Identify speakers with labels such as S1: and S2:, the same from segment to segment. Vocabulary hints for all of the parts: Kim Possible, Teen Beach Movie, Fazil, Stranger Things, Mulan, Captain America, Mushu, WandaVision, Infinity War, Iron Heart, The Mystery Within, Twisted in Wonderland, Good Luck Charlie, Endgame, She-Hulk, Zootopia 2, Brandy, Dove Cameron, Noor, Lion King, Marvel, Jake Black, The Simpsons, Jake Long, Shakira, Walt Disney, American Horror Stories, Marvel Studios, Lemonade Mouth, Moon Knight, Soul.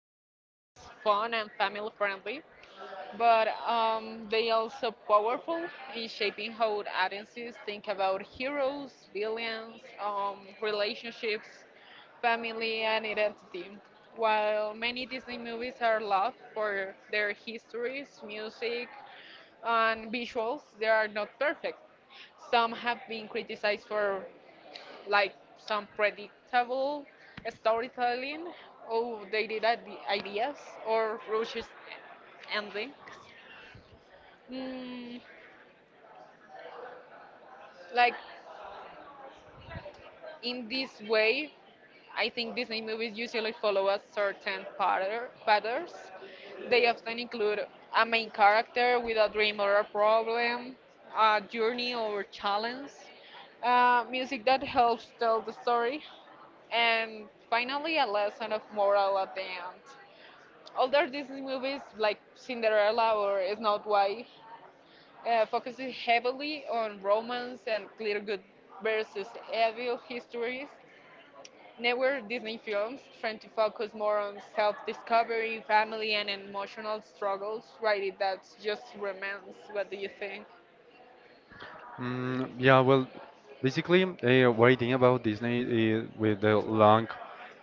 S1: seen as fun and family friendly, but they also powerful in shaping how audiences think about heroes, villains, relationships, family, and identity. While many Disney movies are loved for their histories, music, and visuals they are not perfect. Some have been criticized for like some predictable storytelling, outdated ideas, or rushed endings. Mm, like in this way, I think Disney movies usually follow a certain patterns. They often include a main character with a dream or a problem, a journey or challenge, music that helps tell the story, and finally a lesson of moral at the end. Older Disney movies like Cinderella or Snow White focuses heavily on romance and clear good versus evil histories. Network Disney films trying to focus more on self discovery, family, and emotional struggles, right? That's just romance. What do you think?
S2: Yeah, well, basically, what I think about Disney is with the long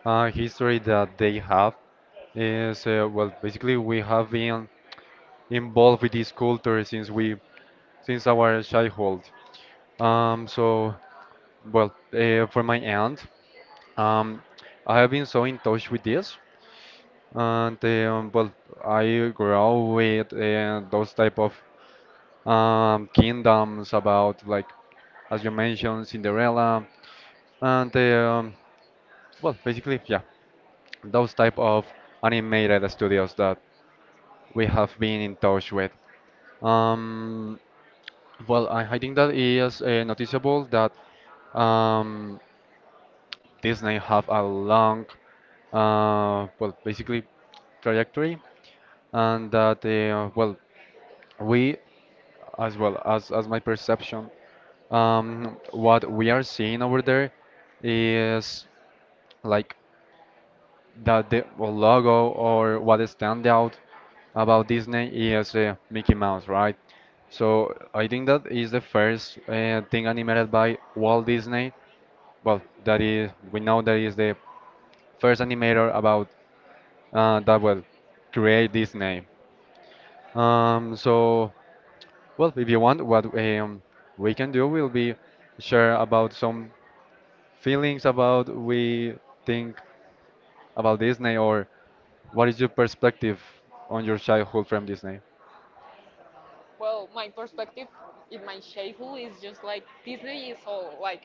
S2: history that they have is well, basically we have been involved with this culture since we since our childhood. So well, for my aunt, um, I have been so in touch with this, and well, I grew up with those type of kingdoms about like as you mentioned Cinderella and well, basically, yeah, those type of animated studios that we have been in touch with. Um, well, I think that is noticeable that um, Disney have a long, well, basically trajectory, and that well, we, as well as my perception, what we are seeing over there is like that the logo or what stand out about Disney is Mickey Mouse, right? So I think that is the first thing animated by Walt Disney. Well, that is we know that is the first animator about that will create Disney. So well, if you want, what we can do will be share about some feelings about we think about Disney or what is your perspective on your childhood from Disney?
S1: Well, my perspective in my childhood is just like Disney is all like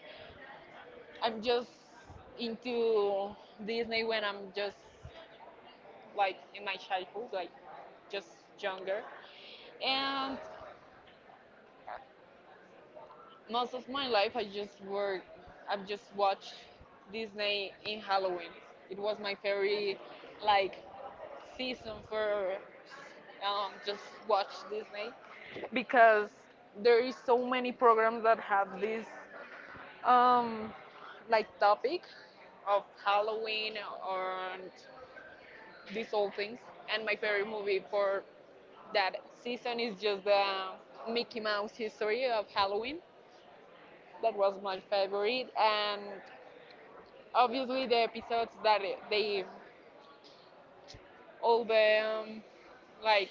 S1: I'm just into Disney when I'm just like in my childhood, like just younger. And most of my life, I just work. I've just watched Disney in Halloween. It was my favorite, like, season for just watch Disney because there is so many programs that have this um, like topic of Halloween or these old things. And my favorite movie for that season is just the Mickey Mouse history of Halloween. That was my favorite, and obviously the episodes that they all the like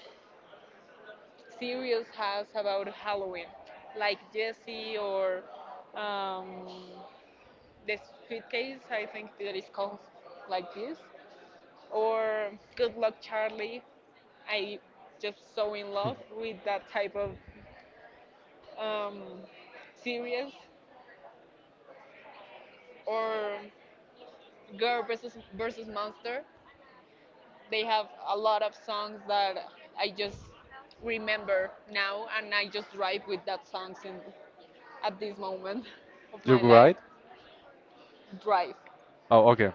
S1: series has about Halloween, like Jesse or um, the suitcase. I think that is called like this, or Good Luck Charlie. I just so in love with that type of um, series, or Girl versus Monster. They have a lot of songs that I just remember now, and I just drive with that songs in, at this moment of
S2: You
S1: my life.
S2: right?
S1: Drive.
S2: Oh, okay.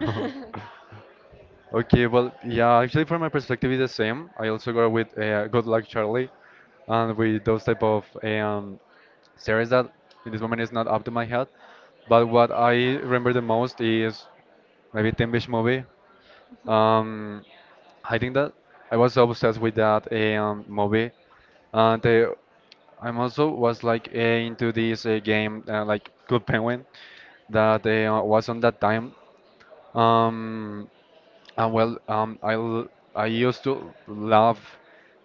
S2: Okay, well, yeah, actually, from my perspective, it's the same. I also go with Good Luck Charlie, and with those type of series that in this moment is not up to my head. But what I remember the most is maybe Teen Beach Movie. Um, I think that I was so obsessed with that movie, and I'm also was like into this game like Good Penguin that was on that time. Um, Uh, well, um, I l- I used to love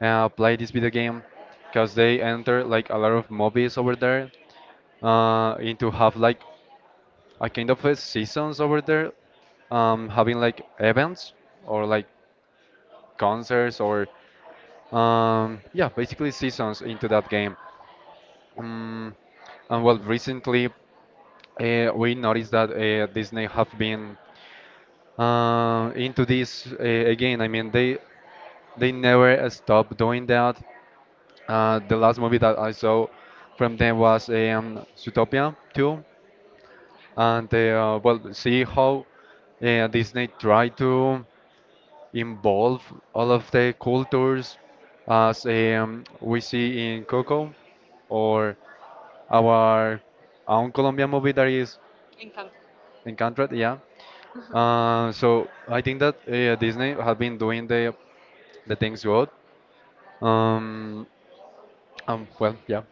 S2: play this video game because they enter like a lot of movies over there, and to have like a kind of a seasons over there, having like events or like concerts or yeah, basically seasons into that game. Um, and well, recently we noticed that Disney have been into this again. I mean, they never stopped doing that. The last movie that I saw from them was Zootopia 2, and well, see how Disney tried to involve all of the cultures as we see in Coco or our own Colombian movie that is
S1: Encanto.
S2: Encanted, yeah. So I think that Disney have been doing the things good. Um, well, yeah,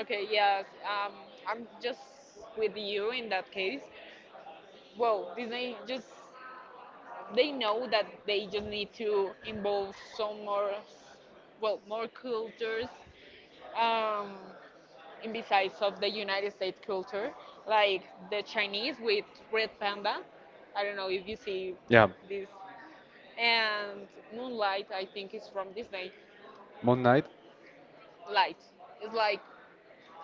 S1: Okay, yes. I'm just with you in that case. Well, Disney just they know that they just need to involve some more, well, more cultures, um, in besides of the United States culture, like the Chinese with Red Panda. I don't know if you see
S2: yeah.
S1: this, and Moonlight. I think is from Disney.
S2: Moon Knight?
S1: Light. It's like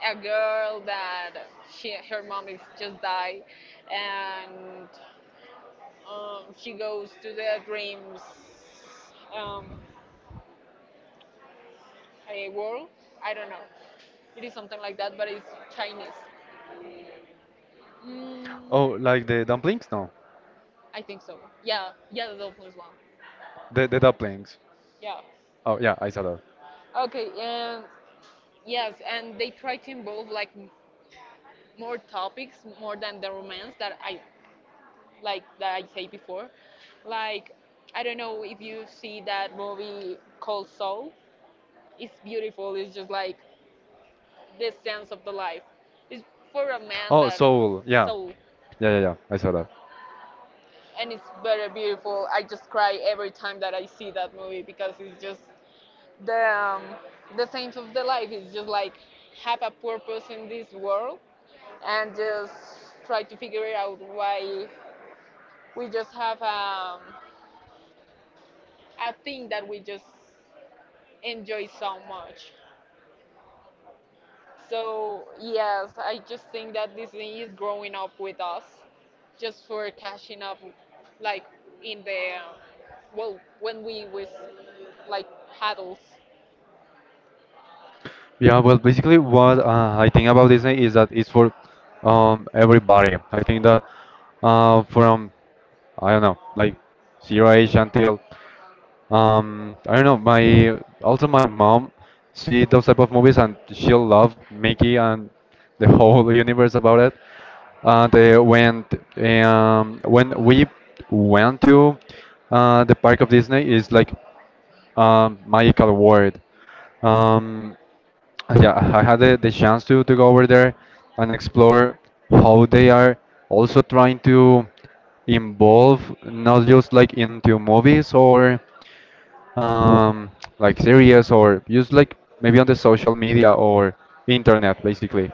S1: a girl that she her mom is just died and she goes to the dreams um, a world, I don't know, it is something like that, but it's Chinese. mm,
S2: Oh, like the dumplings? No,
S1: I think so. Yeah, yeah, the dolphins one.
S2: the dumplings.
S1: Yeah.
S2: Oh yeah, I saw that.
S1: Okay. Yes, and they try to involve like more topics more than the romance that I like that I say before. Like I don't know if you see that movie called Soul. It's beautiful. It's just like this sense of the life. It's for a man
S2: Oh,
S1: that
S2: Soul. Yeah.
S1: soul,
S2: Yeah, yeah, yeah. I saw that.
S1: and it's very beautiful. I just cry every time that I see that movie because it's just the um, the sense of the life is just like have a purpose in this world and just try to figure out why we just have a thing that we just enjoy so much. So, yes, I just think that Disney is growing up with us just for catching up, like in the, well, when we was like adults.
S2: Yeah, well, basically, what I think about Disney is that it's for everybody. I think that uh, from, I don't know, like zero age until I don't know. My also my mom see those type of movies and she'll love Mickey and the whole universe about it. And when we went to the park of Disney is like magical world. Um, yeah, I had the chance to go over there and explore how they are also trying to involve not just like into movies or um, like series or just like maybe on the social media or internet basically.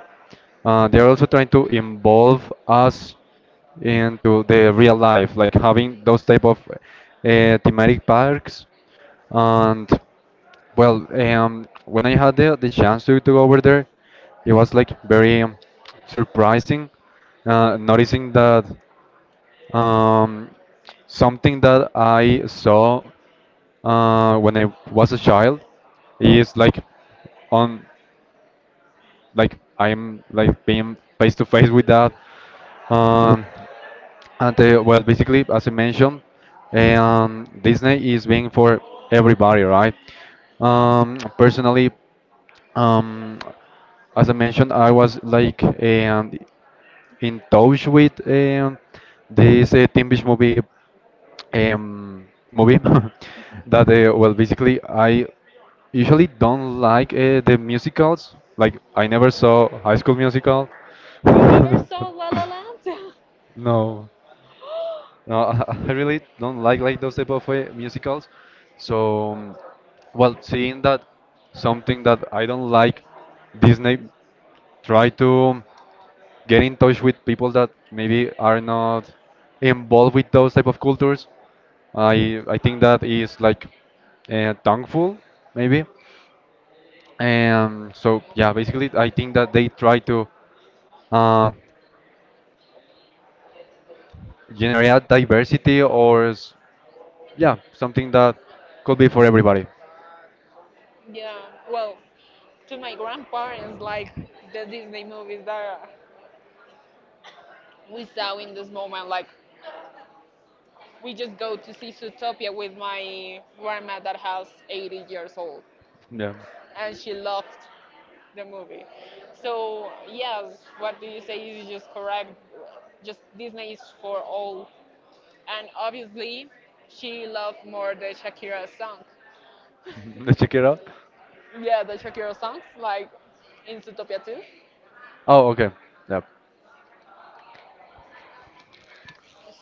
S2: They're also trying to involve us into the real life, like having those type of thematic parks. And well, when I had the chance to go over there, it was like very surprising noticing that um, something that I saw when I was a child is like on like I'm like being face to face with that. Um, and well, basically, as I mentioned, Disney is being for everybody, right?
S1: Yeah.
S2: Personally, um, as I mentioned, I was like in touch with this Teen Beach movie that well, basically, I usually don't like the musicals. Like, I never saw High School Musical.
S1: You never saw La La Land?
S2: No. No, I I really don't like those type of musicals. So, well, seeing that something that I don't like, Disney try to get in touch with people that maybe are not involved with those type of cultures. I think that is like thankful maybe. And so yeah, basically I think that they try to uh, generate diversity or yeah something that could be for everybody.
S1: Yeah. Well, to my grandparents, like the Disney movies that we saw in this moment, like we just go to see Zootopia with my grandma that has 80 years old,
S2: Yeah.
S1: and she loved the movie. So yes, what do you say is just correct. Just Disney is for all, and obviously, she loved more the Shakira song.
S2: Let's check it out.
S1: Yeah, the Shakira songs like in Zootopia too.
S2: Oh, okay. Yep.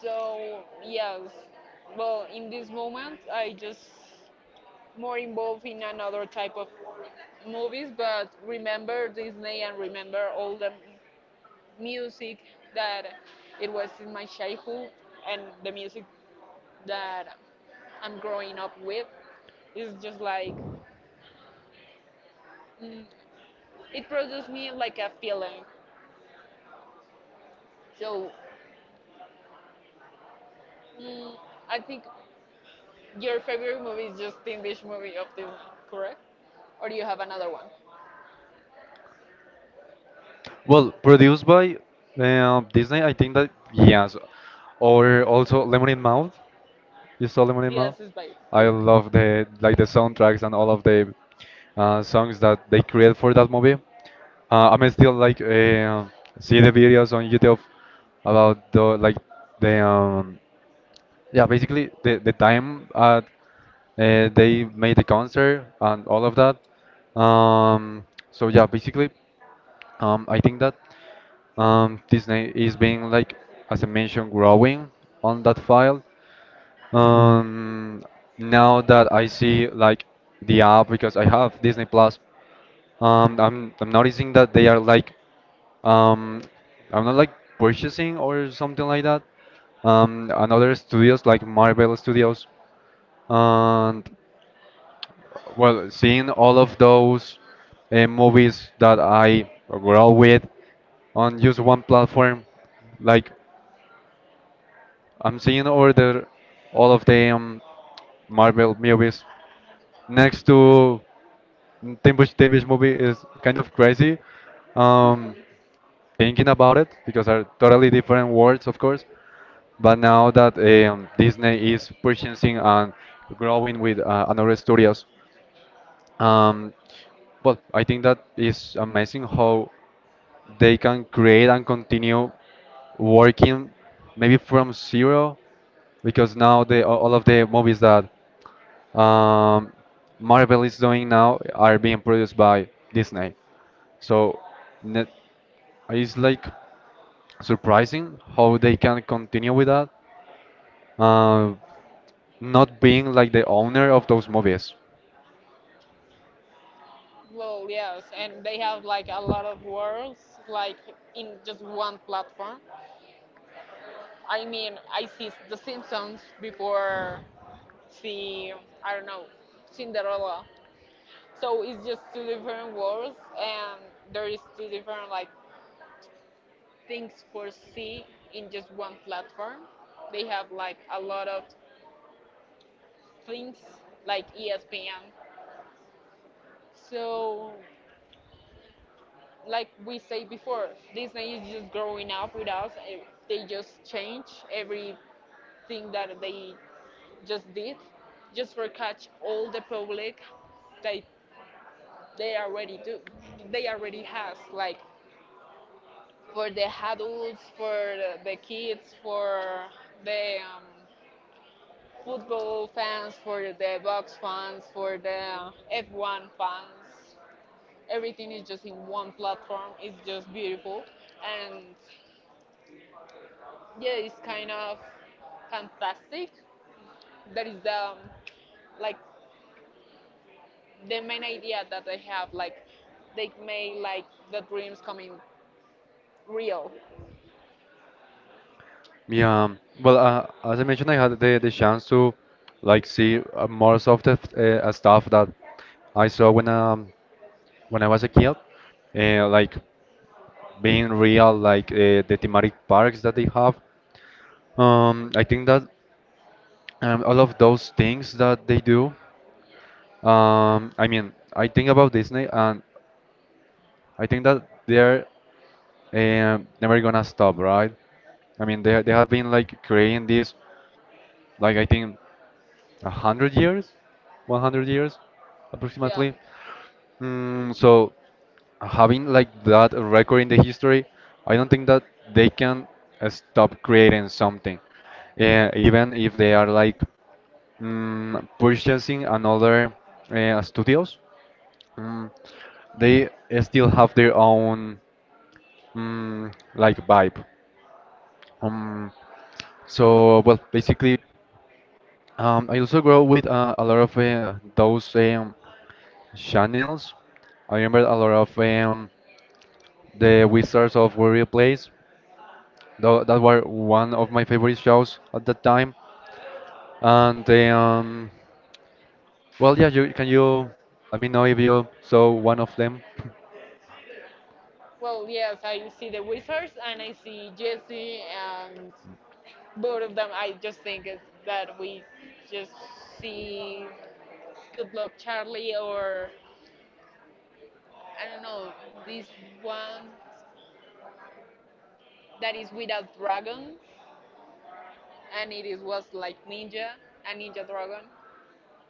S1: So yes, well, in this moment, I just more involved in another type of movies, but remember Disney and remember all the music that it was in my childhood and the music that I'm growing up with is just like mm, it produces me like a feeling. So mm, I think your favorite movie is just the English movie of Disney, correct? Or do you have another one?
S2: Well, produced by Disney, I think that yes, or also Lemonade Mouth. You saw Lemonade Mouth?
S1: Yes, it's by
S2: I
S1: Disney.
S2: love the like the soundtracks and all of the songs that they create for that movie. I'm still like see the videos on YouTube about the like the yeah, basically the time at they made the concert and all of that. Um, so yeah, basically, I think that Disney is being like, as I mentioned, growing on that file. Um, Now that I see like the app because I have Disney Plus, I'm noticing that they are like um, I'm not like purchasing or something like that. And other studios like Marvel Studios. And well, seeing all of those movies that I grow with on just one platform, like I'm seeing all of the Marvel movies next to Timbush movie is kind of crazy. Um, Thinking about it because are totally different worlds, of course. But now that Disney is purchasing and growing with another studios, um, well, I think that is amazing how they can create and continue working maybe from zero because now all of the movies that um, Marvel is doing now are being produced by Disney. So net, it's like surprising how they can continue with that, uh, not being like the owner of those movies.
S1: Well, yes, and they have like a lot of worlds, like in just one platform. I mean, I see The Simpsons before see I don't know Cinderella. So it's just two different worlds, and there is two different like things for see in just one platform. They have like a lot of things like ESPN. So like we say before, Disney is just growing up with us. They just change everything that they just did, just for catch all the public that they already do. They already has like for the adults, for the kids, for the football fans, for the box fans, for the F1 fans. Everything is just in one platform. It's just beautiful, and yeah, it's kind of fantastic. That is the like the main idea that they have. Like they made like the dreams coming real.
S2: Yeah, well, as I mentioned, I had the chance to like see more of the stuff that I saw when I was a kid, like being real, like the thematic parks that they have. I think that all of those things that they do. I mean, I think about Disney, and I think that they're never gonna stop, right? I mean, they have been like creating this, like I think. a hundred years, 100 years,
S1: Yeah.
S2: approximately. Mm, so having like that record in the history, I don't think that they can stop creating something, even if they are like purchasing another studios. Mm, they still have their own like vibe. Um, so well, basically, I also grow with a lot of those channels. I remember a lot of the Wizards of Waverly Place. That were one of my favorite shows at that time. And well, yeah, can you let me know if you saw one of them?
S1: Well, yes, I see the Wizards and I see Jesse, and both of them, I just think it's that we just see Good Luck Charlie or I don't know this one that is without dragons and it is was like ninja a ninja dragon.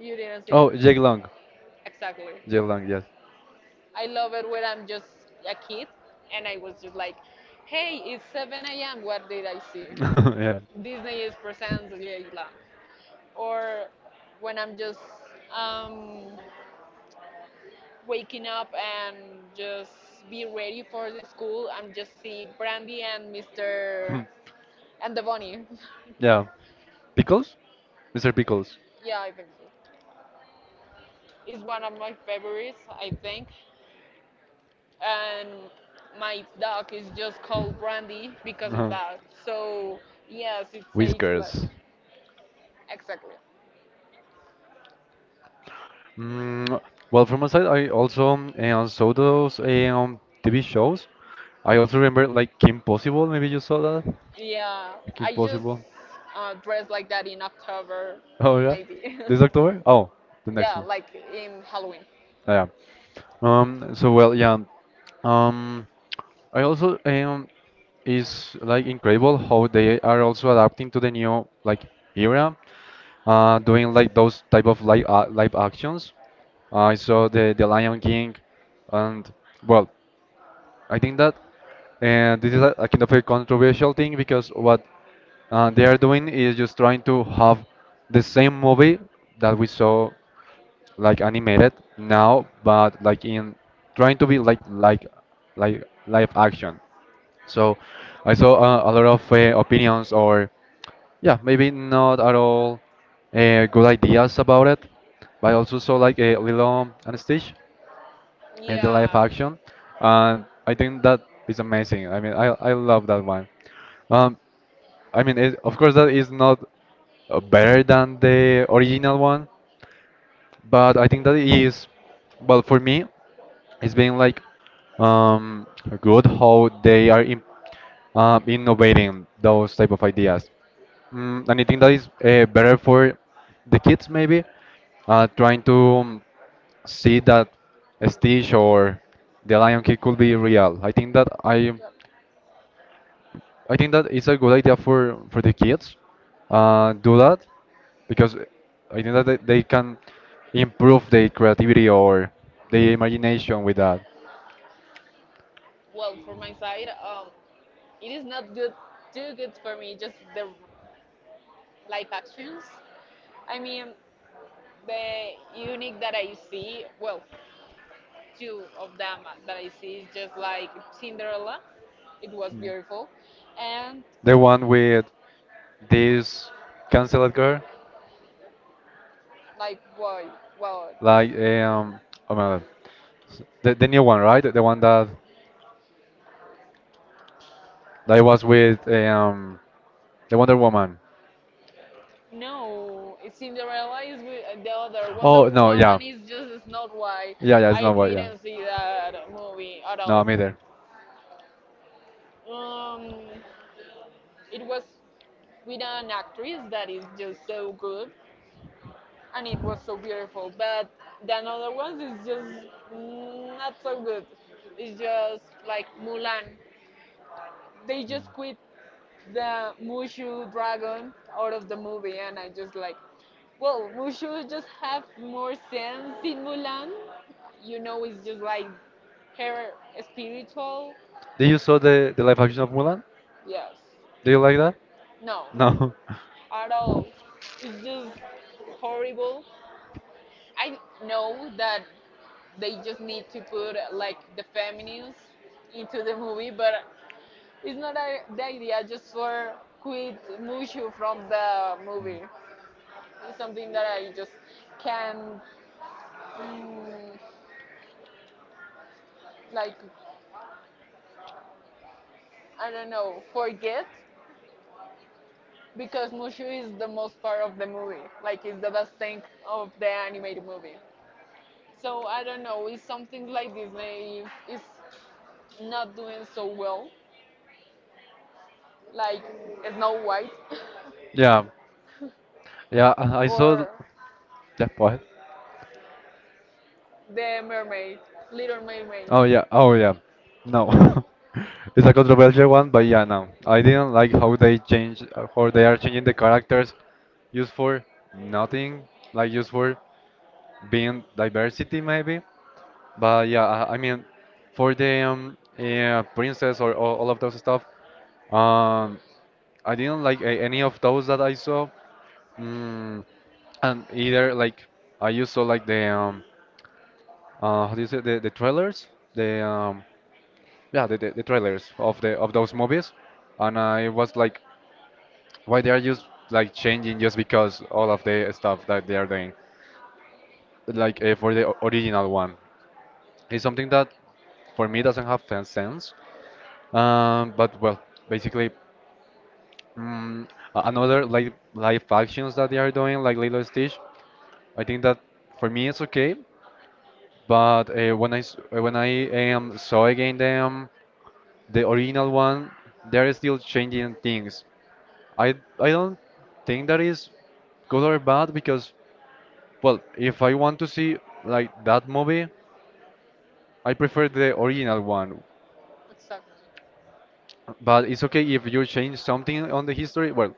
S1: You didn't see
S2: Oh,
S1: it?
S2: Jake Long.
S1: Exactly.
S2: Jake Long, yes.
S1: I love it when I'm just a kid and I was just like, hey, it's 7 a.m. What did I see?
S2: Yeah.
S1: Disney is presents Jake Black, or when I'm just um, waking up and just be ready for the school and just see Brandy and Mr. and the bunny.
S2: Yeah. Pickles? Mr. Pickles.
S1: Yeah, I think so. It's one of my favorites, I think, and my dog is just called Brandy because of
S2: Uh-huh.
S1: that. So yes, it takes like
S2: Whiskers.
S1: exactly.
S2: Mm, well, from my side, I also saw those TV shows. I also remember like Kim Possible. Maybe you saw that.
S1: Yeah,
S2: Kim
S1: I just
S2: Possible.
S1: dress like that in October,
S2: Oh yeah,
S1: maybe.
S2: this October. Oh, the next
S1: Yeah,
S2: one.
S1: like in Halloween.
S2: Yeah. Yeah. So well, yeah. Um. I also eh, um. Is like incredible how they are also adapting to the new like era. Doing like those type of live actions. I saw the Lion King, and well, I think that this is a kind of a controversial thing because what they are doing is just trying to have the same movie that we saw like animated now, but like in trying to be like live action. So I saw a lot of opinions or yeah, maybe not at all good ideas about it, but I also saw like a Lilo and Stitch and the live
S1: Yeah.
S2: action, and I think that is amazing. I mean, I love that one. Um, I mean, of course that is not better than the original one, but I think that it is well for me. It's been like um, good how they are innovating those type of ideas. Mm, and I think that is better for the kids maybe trying to see that Stitch or the Lion King could be real.
S1: Yep.
S2: I think that it's a good idea for the kids. Do that because I think that they can improve their creativity or their imagination with that.
S1: Well, for my side, it is not good, too good for me. Just the live actions. I mean, the unique that I see. Well, two of them that I see is just like Cinderella. It was beautiful, and
S2: The one with this canceled girl,
S1: like boy, well,
S2: like oh my God, the new one, right? The one that that was with the Wonder Woman.
S1: no, Cinderella is the other. Wonder
S2: Oh no, yeah,
S1: Woman is just Snow White.
S2: yeah, yeah, it's
S1: I
S2: not what, yeah.
S1: didn't see that movie at
S2: No,
S1: all.
S2: me there.
S1: Um, it was with an actress that is just so good, and it was so beautiful. But the other ones is just not so good. It's just like Mulan. They just quit the Mushu dragon out of the movie, and I just like, well, Mushu just have more sense in Mulan. You know, it's just like her spiritual.
S2: Did you saw the live action of Mulan?
S1: Yes,
S2: Do you like that?
S1: no,
S2: No.
S1: at all. It's just horrible. I know that they just need to put like the feminists into the movie, but it's not a, the idea just for quit Mushu from the movie. It's something that I just can, mm, like, I don't know, forget because Mushu is the most part of the movie. Like, it's the best thing of the animated movie. So I don't know. It's something like Disney is not doing so well, like Snow White
S2: Yeah. Yeah, I saw
S1: or
S2: yeah, go.
S1: the Mermaid, Little Mermaid.
S2: Oh yeah. Oh yeah. No. It's a controversial one, but yeah, no. I didn't like how they change how they are changing the characters. Used for nothing, like used for being diversity maybe. But yeah, I mean for the yeah, princess or all of those stuff, um I didn't like any of those that I saw. Mm, and either like I used to like the how do you say the trailers, the yeah, the trailers of the of those movies. And I was like why they are just like changing just because all of the stuff that they are doing like for the original one. It's something that for me doesn't have fan sense. But well, basically, mm, another like live actions that they are doing like Lilo and Stitch, I think that for me it's okay, but when when I saw again them the original one, they're still changing things. I don't think that is good or bad because, well, if I want to see like that movie, I prefer the original one.
S1: Exactly.
S2: But it's okay if you change something on the history. Well,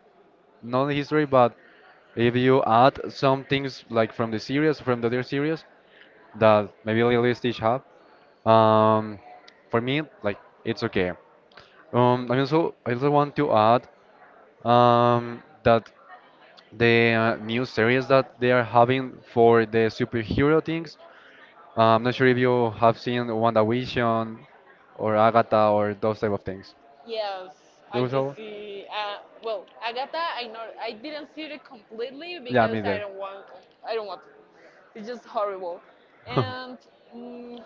S2: not the history, but if you add some things like from the series, from the other series, that maybe Lilo Stitch have. Um, for me, like, it's okay. I also want to add that the new series that they are having for the superhero things. I'm not sure if you have seen WandaVision or Agatha or those type of things.
S1: Yes,
S2: You
S1: I just
S2: also?
S1: see. Well, Agatha, I know I didn't see it completely
S2: Yeah,
S1: because
S2: me
S1: I
S2: there.
S1: don't want. I don't want. To. It's just horrible. And mm,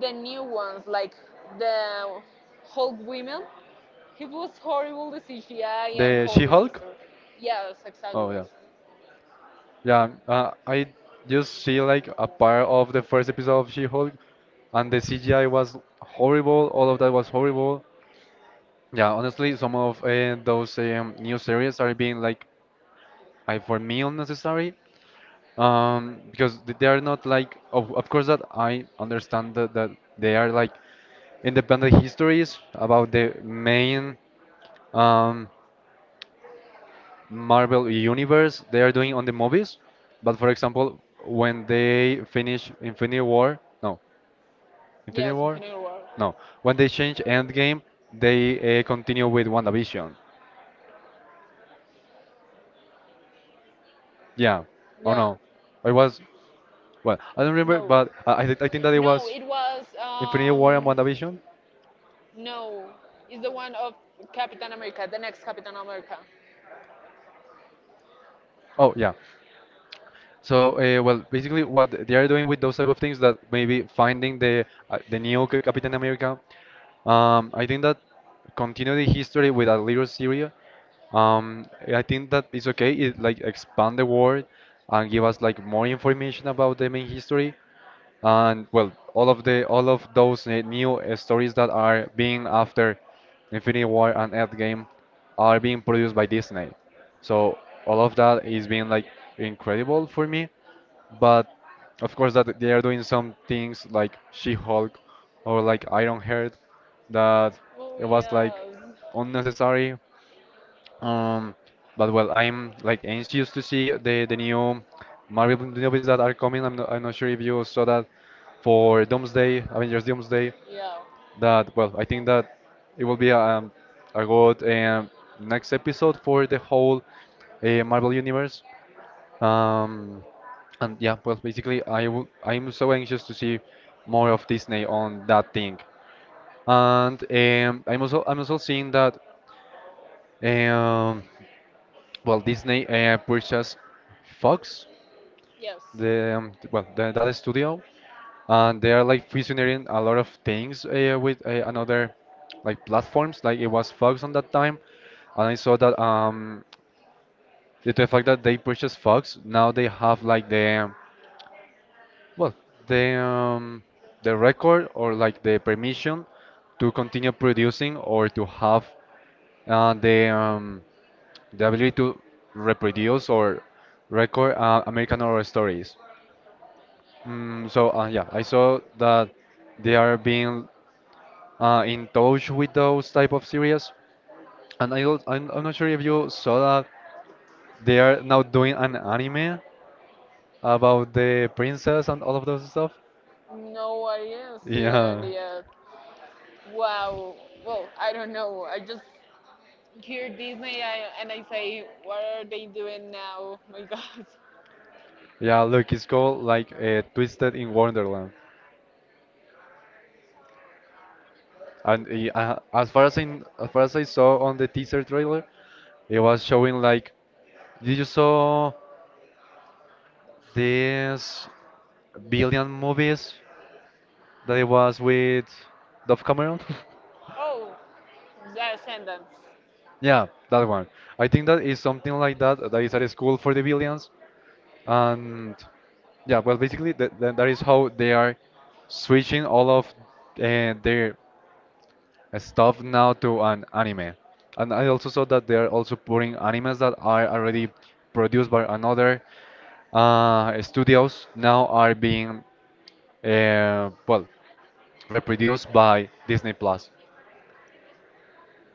S1: the new ones, like the Hulk women, it was horrible. The CGI and
S2: The
S1: all the
S2: She-Hulk?
S1: history. Yes,
S2: Oh
S1: exactly.
S2: yeah, yeah. I just see like a part of the first episode of She-Hulk, and the CGI was horrible. All of that was horrible. Yeah, honestly, some of those new series are being like, I for me unnecessary. Because they are not like, of course that I understand that, that they are like independent histories about the main um Marvel universe they are doing on the movies. But for example, when they finish Infinity
S1: Yes,
S2: War,
S1: Infinity War.
S2: no, when they change Endgame, they continue with WandaVision. Yeah, oh
S1: Yeah.
S2: no, it was, well, I don't remember,
S1: No.
S2: but I think that it
S1: No,
S2: was
S1: it was.
S2: Infinity War and WandaVision.
S1: No, it's the one of Captain America, the next Captain America.
S2: Oh yeah. So well, basically what they are doing with those type of things that maybe finding the new Captain America. I think that continue the history with a little Syria. Um, I think that it's okay. It like expand the world and give us like more information about the main history, and well, all of the all of those new stories that are being after Infinity War and Endgame are being produced by Disney. So all of that is being like incredible for me. But of course that they are doing some things like She-Hulk or like Iron Heart that
S1: Oh
S2: it was like
S1: yes.
S2: unnecessary. Um, but well, I'm like anxious to see the new Marvel movies that are coming. I'm not sure if you saw that for Doomsday, Avengers Doomsday.
S1: Yeah.
S2: That well, I think that it will be a good next episode for the whole Marvel universe. Um, and yeah, well, basically, I'm so anxious to see more of Disney on that thing. And I'm also seeing that um, well, Disney purchased Fox,
S1: Yes.
S2: the well, that studio, and they are like fusioning a lot of things with another like platforms. Like it was Fox on that time, and I saw that due to the fact that they purchased Fox, now they have like the well, the um, the record or like the permission to continue producing or to have uh, the um, the ability to reproduce or record American Horror Stories. So yeah, I saw that they are being in touch with those type of series, and I don't, I'm not sure if you saw that they are now doing an anime about the princess and all of those stuff.
S1: No, I didn't see that
S2: Yeah.
S1: yet. Wow. Well, I don't know. I just hear Disney I, and I say, what are they doing now? My God.
S2: Yeah, look, it's called like Twisted in Wonderland, and as far as I as far as I saw on the teaser trailer, it was showing like, did you saw this billion movies that it was with Dove Cameron?
S1: Oh, The Ascendants.
S2: Yeah, that one. I think that is something like that. That is at a school for the billions, and yeah, well, basically that that is how they are switching all of their stuff now to an anime. And I also saw that they are also putting animes that are already produced by another studios now are being well, reproduced by Disney Plus.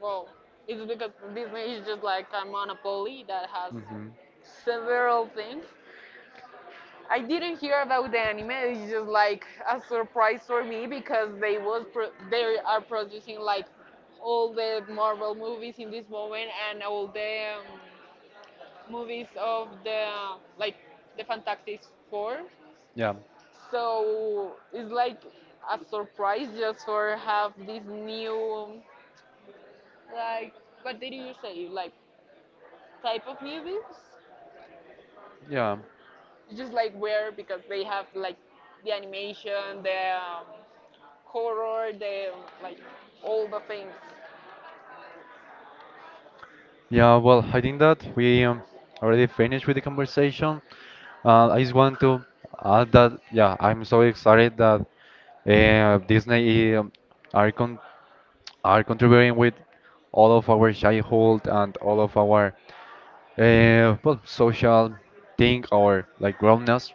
S1: Well, it's because Disney is just like a monopoly that has
S2: Hmm.
S1: several things I didn't hear about the anime. It's just like a surprise for me because they was they are producing like all the Marvel movies in this moment and all the movies of the like the Fantastic Four.
S2: Yeah,
S1: So it's like a surprise just for have this new like what did you say like type of movies?
S2: yeah,
S1: It's just like where because they have like the animation, the horror, the like all the things.
S2: yeah. Well, I think that we already finished with the conversation. I just want to add that yeah, I'm so excited that Disney are con are contributing with all of our childhood and all of our well, social thing or like grownness.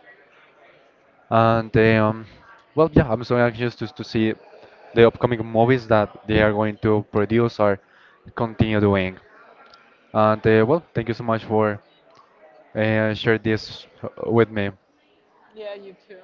S2: And well, yeah, I'm so anxious to see the upcoming movies that they are going to produce or continue doing. And well, thank you so much for share this with me.
S1: Yeah, you too.